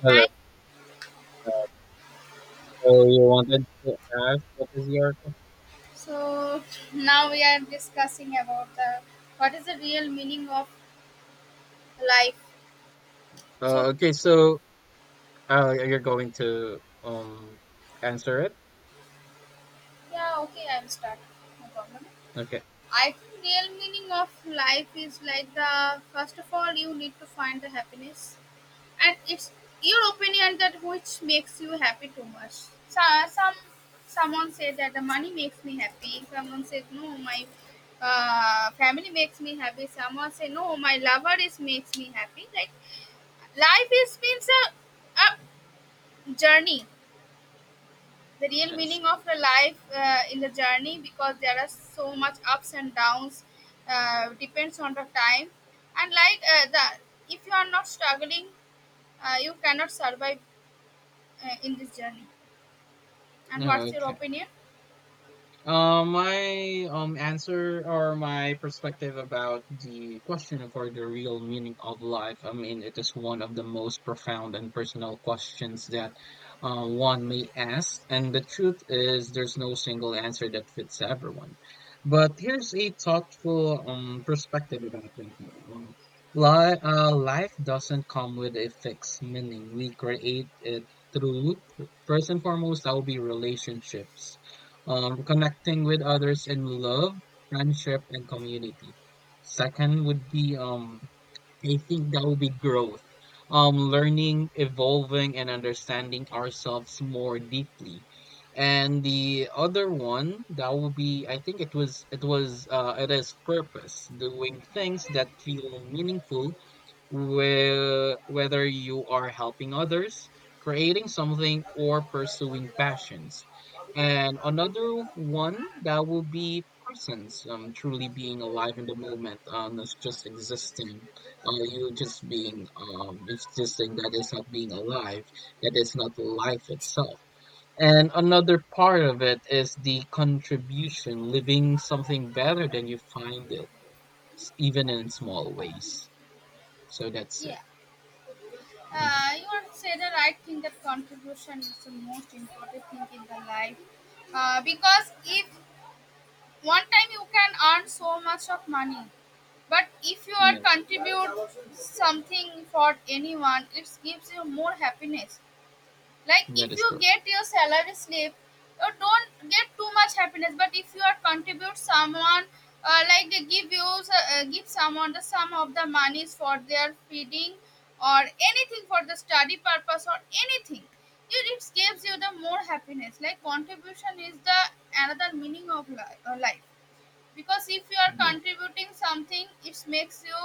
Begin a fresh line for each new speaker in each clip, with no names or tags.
Hello.
Hi.
So you wanted to ask, what is your question?
So now we are discussing about the what is the real meaning of life. So
Uh, okay, so you're going to answer it?
yeah, okay, I'll start. No problem.
Okay.
I think real meaning of life is like the first of all you need to find the happiness, and it's your opinion that which makes you happy too much. So someone said that the money makes me happy. Someone said no, my family makes me happy. Someone say no, my lover is makes me happy. Like life is means a journey, the real meaning
Yes.
of a life in the journey, because there are so much ups and downs depends on the time, and like the if you are not struggling, you cannot survive in this journey. And
Yeah,
what's your
okay.
opinion?
My answer, or my perspective about the question of or the real meaning of life. I mean, it is one of the most profound and personal questions that one may ask. And the truth is, there's no single answer that fits everyone. But here's a thoughtful perspective about that one. Life doesn't come with a fixed meaning. We create it through, first and foremost, that will be relationships, connecting with others in love, friendship, and community. Second would be, I think that would be growth, learning, evolving, and understanding ourselves more deeply. And the other one that would be, I think it was, it was, it is purpose, doing things that feel meaningful. Whether you are helping others, creating something, or pursuing passions. And another one that will be presence, truly being alive in the moment, not just existing. You just being existing, that is not being alive, that is not life itself. And another part of it is the contribution, living something better than you find it, even in small ways. So that's
Yeah,
it. Mhm.
you are say the right thing that contribution is the most important thing in the life, because if one time you can earn so much of money, but if you are
Yes,
contribute something for anyone, it gives you more happiness. Like
that
if
is
you
correct.
get your salary slip you don't get too much happiness, but if you are contribute someone, like they give you give someone the sum of the monies for their feeding or anything for the study purpose or anything, it gives you the more happiness. Like contribution is the another meaning of life, because if you are
Yes.
contributing something it makes you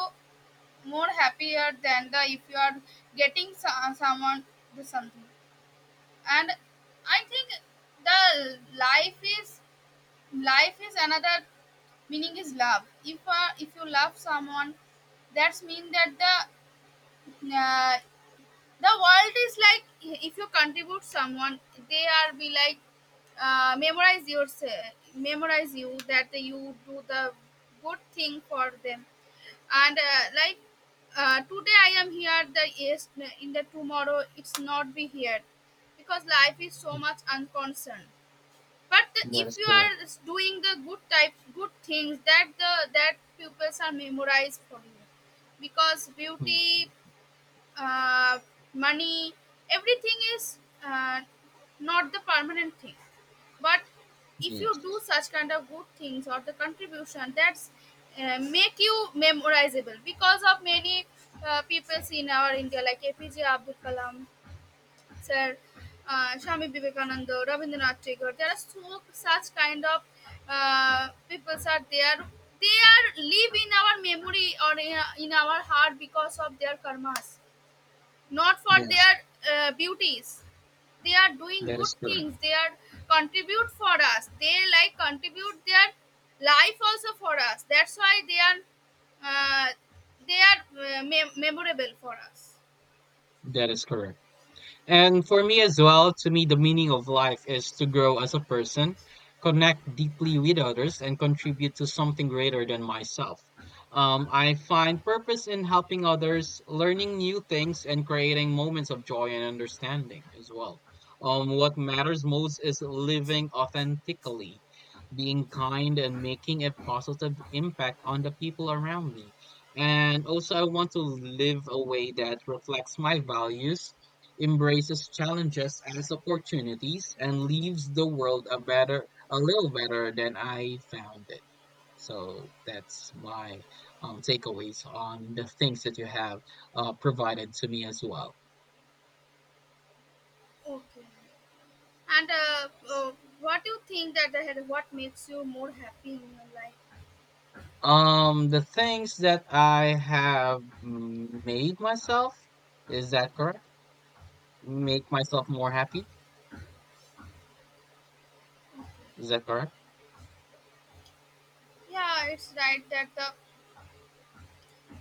more happier than the if you are getting someone the something. And I think the life is, life is another meaning is love. If if you love someone, that's mean that uh, the world is like if you contribute someone they are be like, memorize yourself, memorize you that you do the good thing for them. And like today I am here, the yes, in the tomorrow it's not be here, because life is so
Mm.
much unconcerned. But the,
That
if
is
you are
correct.
doing the good type good things that the that pupils are memorized for you, because
Mm.
beauty, uh, money, everything is uh, not the permanent thing. But if you do
Yes.
such kind of good things or the contribution, that's make you memorizable, because of many people in our India like APJ Abdul Kalam sir, Swami Vivekananda, Rabindranath Tagore, there are so such kind of people are there. They are live in our memory or in our heart, because of their karmas, not for
Yes,
their beauties. They are doing
that
good
is correct.
things, they are contribute for us, they like contribute their life also for us, that's why they are uh, memorable for us.
That is correct. And for me as well, to me, the meaning of life is to grow as a person, connect deeply with others, and contribute to something greater than myself. I find purpose in helping others, learning new things, and creating moments of joy and understanding as well. What matters most is living authentically, being kind, and making a positive impact on the people around me. And also, I want to live a way that reflects my values, embraces challenges as opportunities, and leaves the world a better, a little better than I found it. So that's my takeaways on the things that you have provided to me as well.
Okay. And what do you think that what makes you more happy in your life?
The things that I have made myself, is that correct? Make myself more happy, is that correct?
Yeah, it's right that the,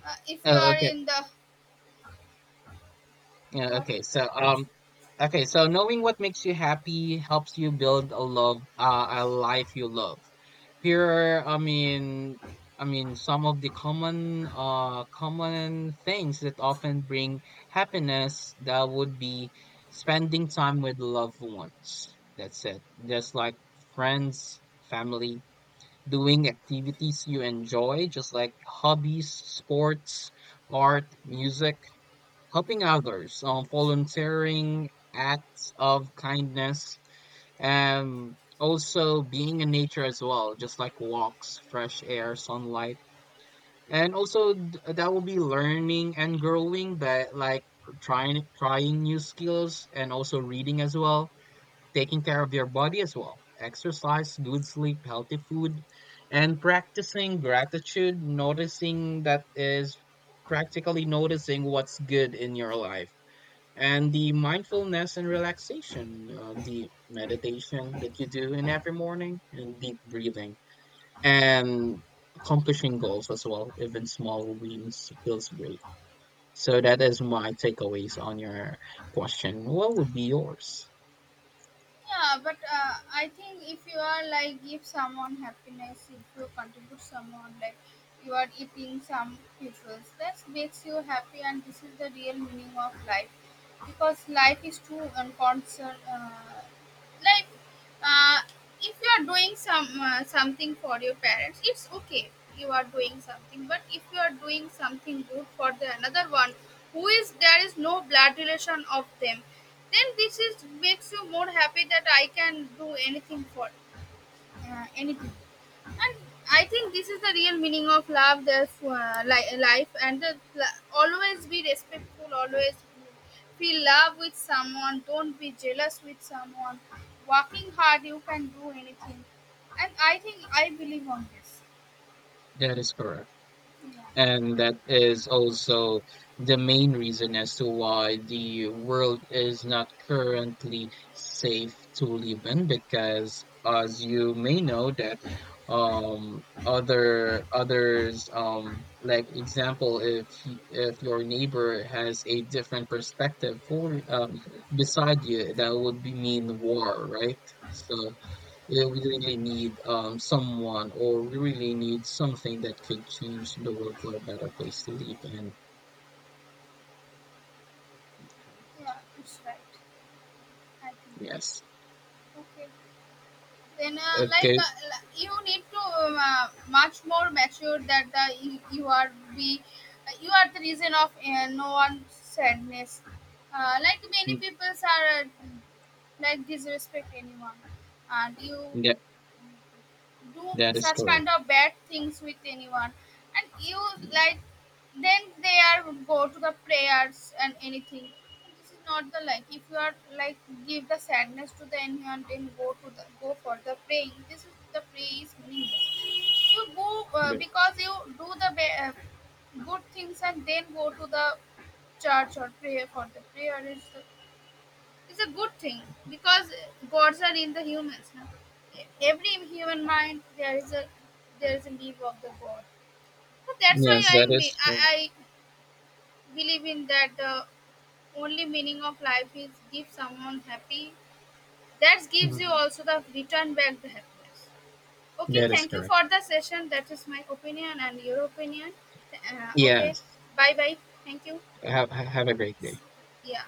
if you
Uh,
are
okay.
in the
Yeah,
what.
okay. So knowing what makes you happy helps you build a love, a life you love. Here are, some of the common, common things that often bring happiness. That would be spending time with loved ones. That's it. Just like friends, family, doing activities you enjoy, just like hobbies, sports, art, music, helping others, volunteering, acts of kindness, and also being in nature as well, just like walks, fresh air, sunlight. And also that will be learning and growing, but like trying new skills and also reading as well, taking care of your body as well. Exercise, good sleep, healthy food, and practicing gratitude, noticing that is practically noticing what's good in your life, and the mindfulness and relaxation, the meditation that you do in every morning, and deep breathing, and accomplishing goals as well. Even small wins feels great. So that is my takeaways on your question. What would be yours?
Yeah, but I think if you are like give someone happiness, if you contribute someone, like you are eating some people's, that makes you happy, and this is the real meaning of life. Because life is too unconcerned. Like, uh, if you are doing some something for your parents, it's okay, you are doing something. But if you are doing something good for the another one who is there is no blood relation of them, then this is makes you more happy that I can do anything for anything. And I think this is the real meaning of love, the life, and the, always be respectful, always feel love with someone, don't be jealous with someone. Working hard, you can do anything. And I think I believe on this.
That is correct.
Yeah,
And that is also the main reason as to why the world is not currently safe to live in, because as you may know that other others like example, if if your neighbor has a different perspective for beside you, that would be mean war, right? So yeah, we really need someone, or we really need something that could change the world for a better place to live. And
yeah, it's right. I think.
yes,
Okay. Then
okay,
you need to much more mature that the you, you are be you are the reason of no one's sadness. Like many
mm,
people are like disrespect anyone and you
yeah,
do
that is
such
correct.
kind of bad things with anyone, and you like then they are go to the prayers and anything. This is not the like, if you are like give the sadness to the anyone then go to the go for the praying, this is the pray is meaningless you go,
Yeah.
because you do the good things and then go to the church or pray for the prayer is the, it's a good thing. Because gods are in the humans. No? Every human mind there is a, there is a leaf of the god. So that's why
Yes,
I
that
may,
is
I,
correct.
I believe in that the only meaning of life is give someone happy. That gives you
Mhm.
also the return back the happiness. Okay,
That is
thank you
correct.
for the session. That is my opinion and your opinion. Okay,
Yes.
bye bye. Thank you.
Have a great day.
Yeah.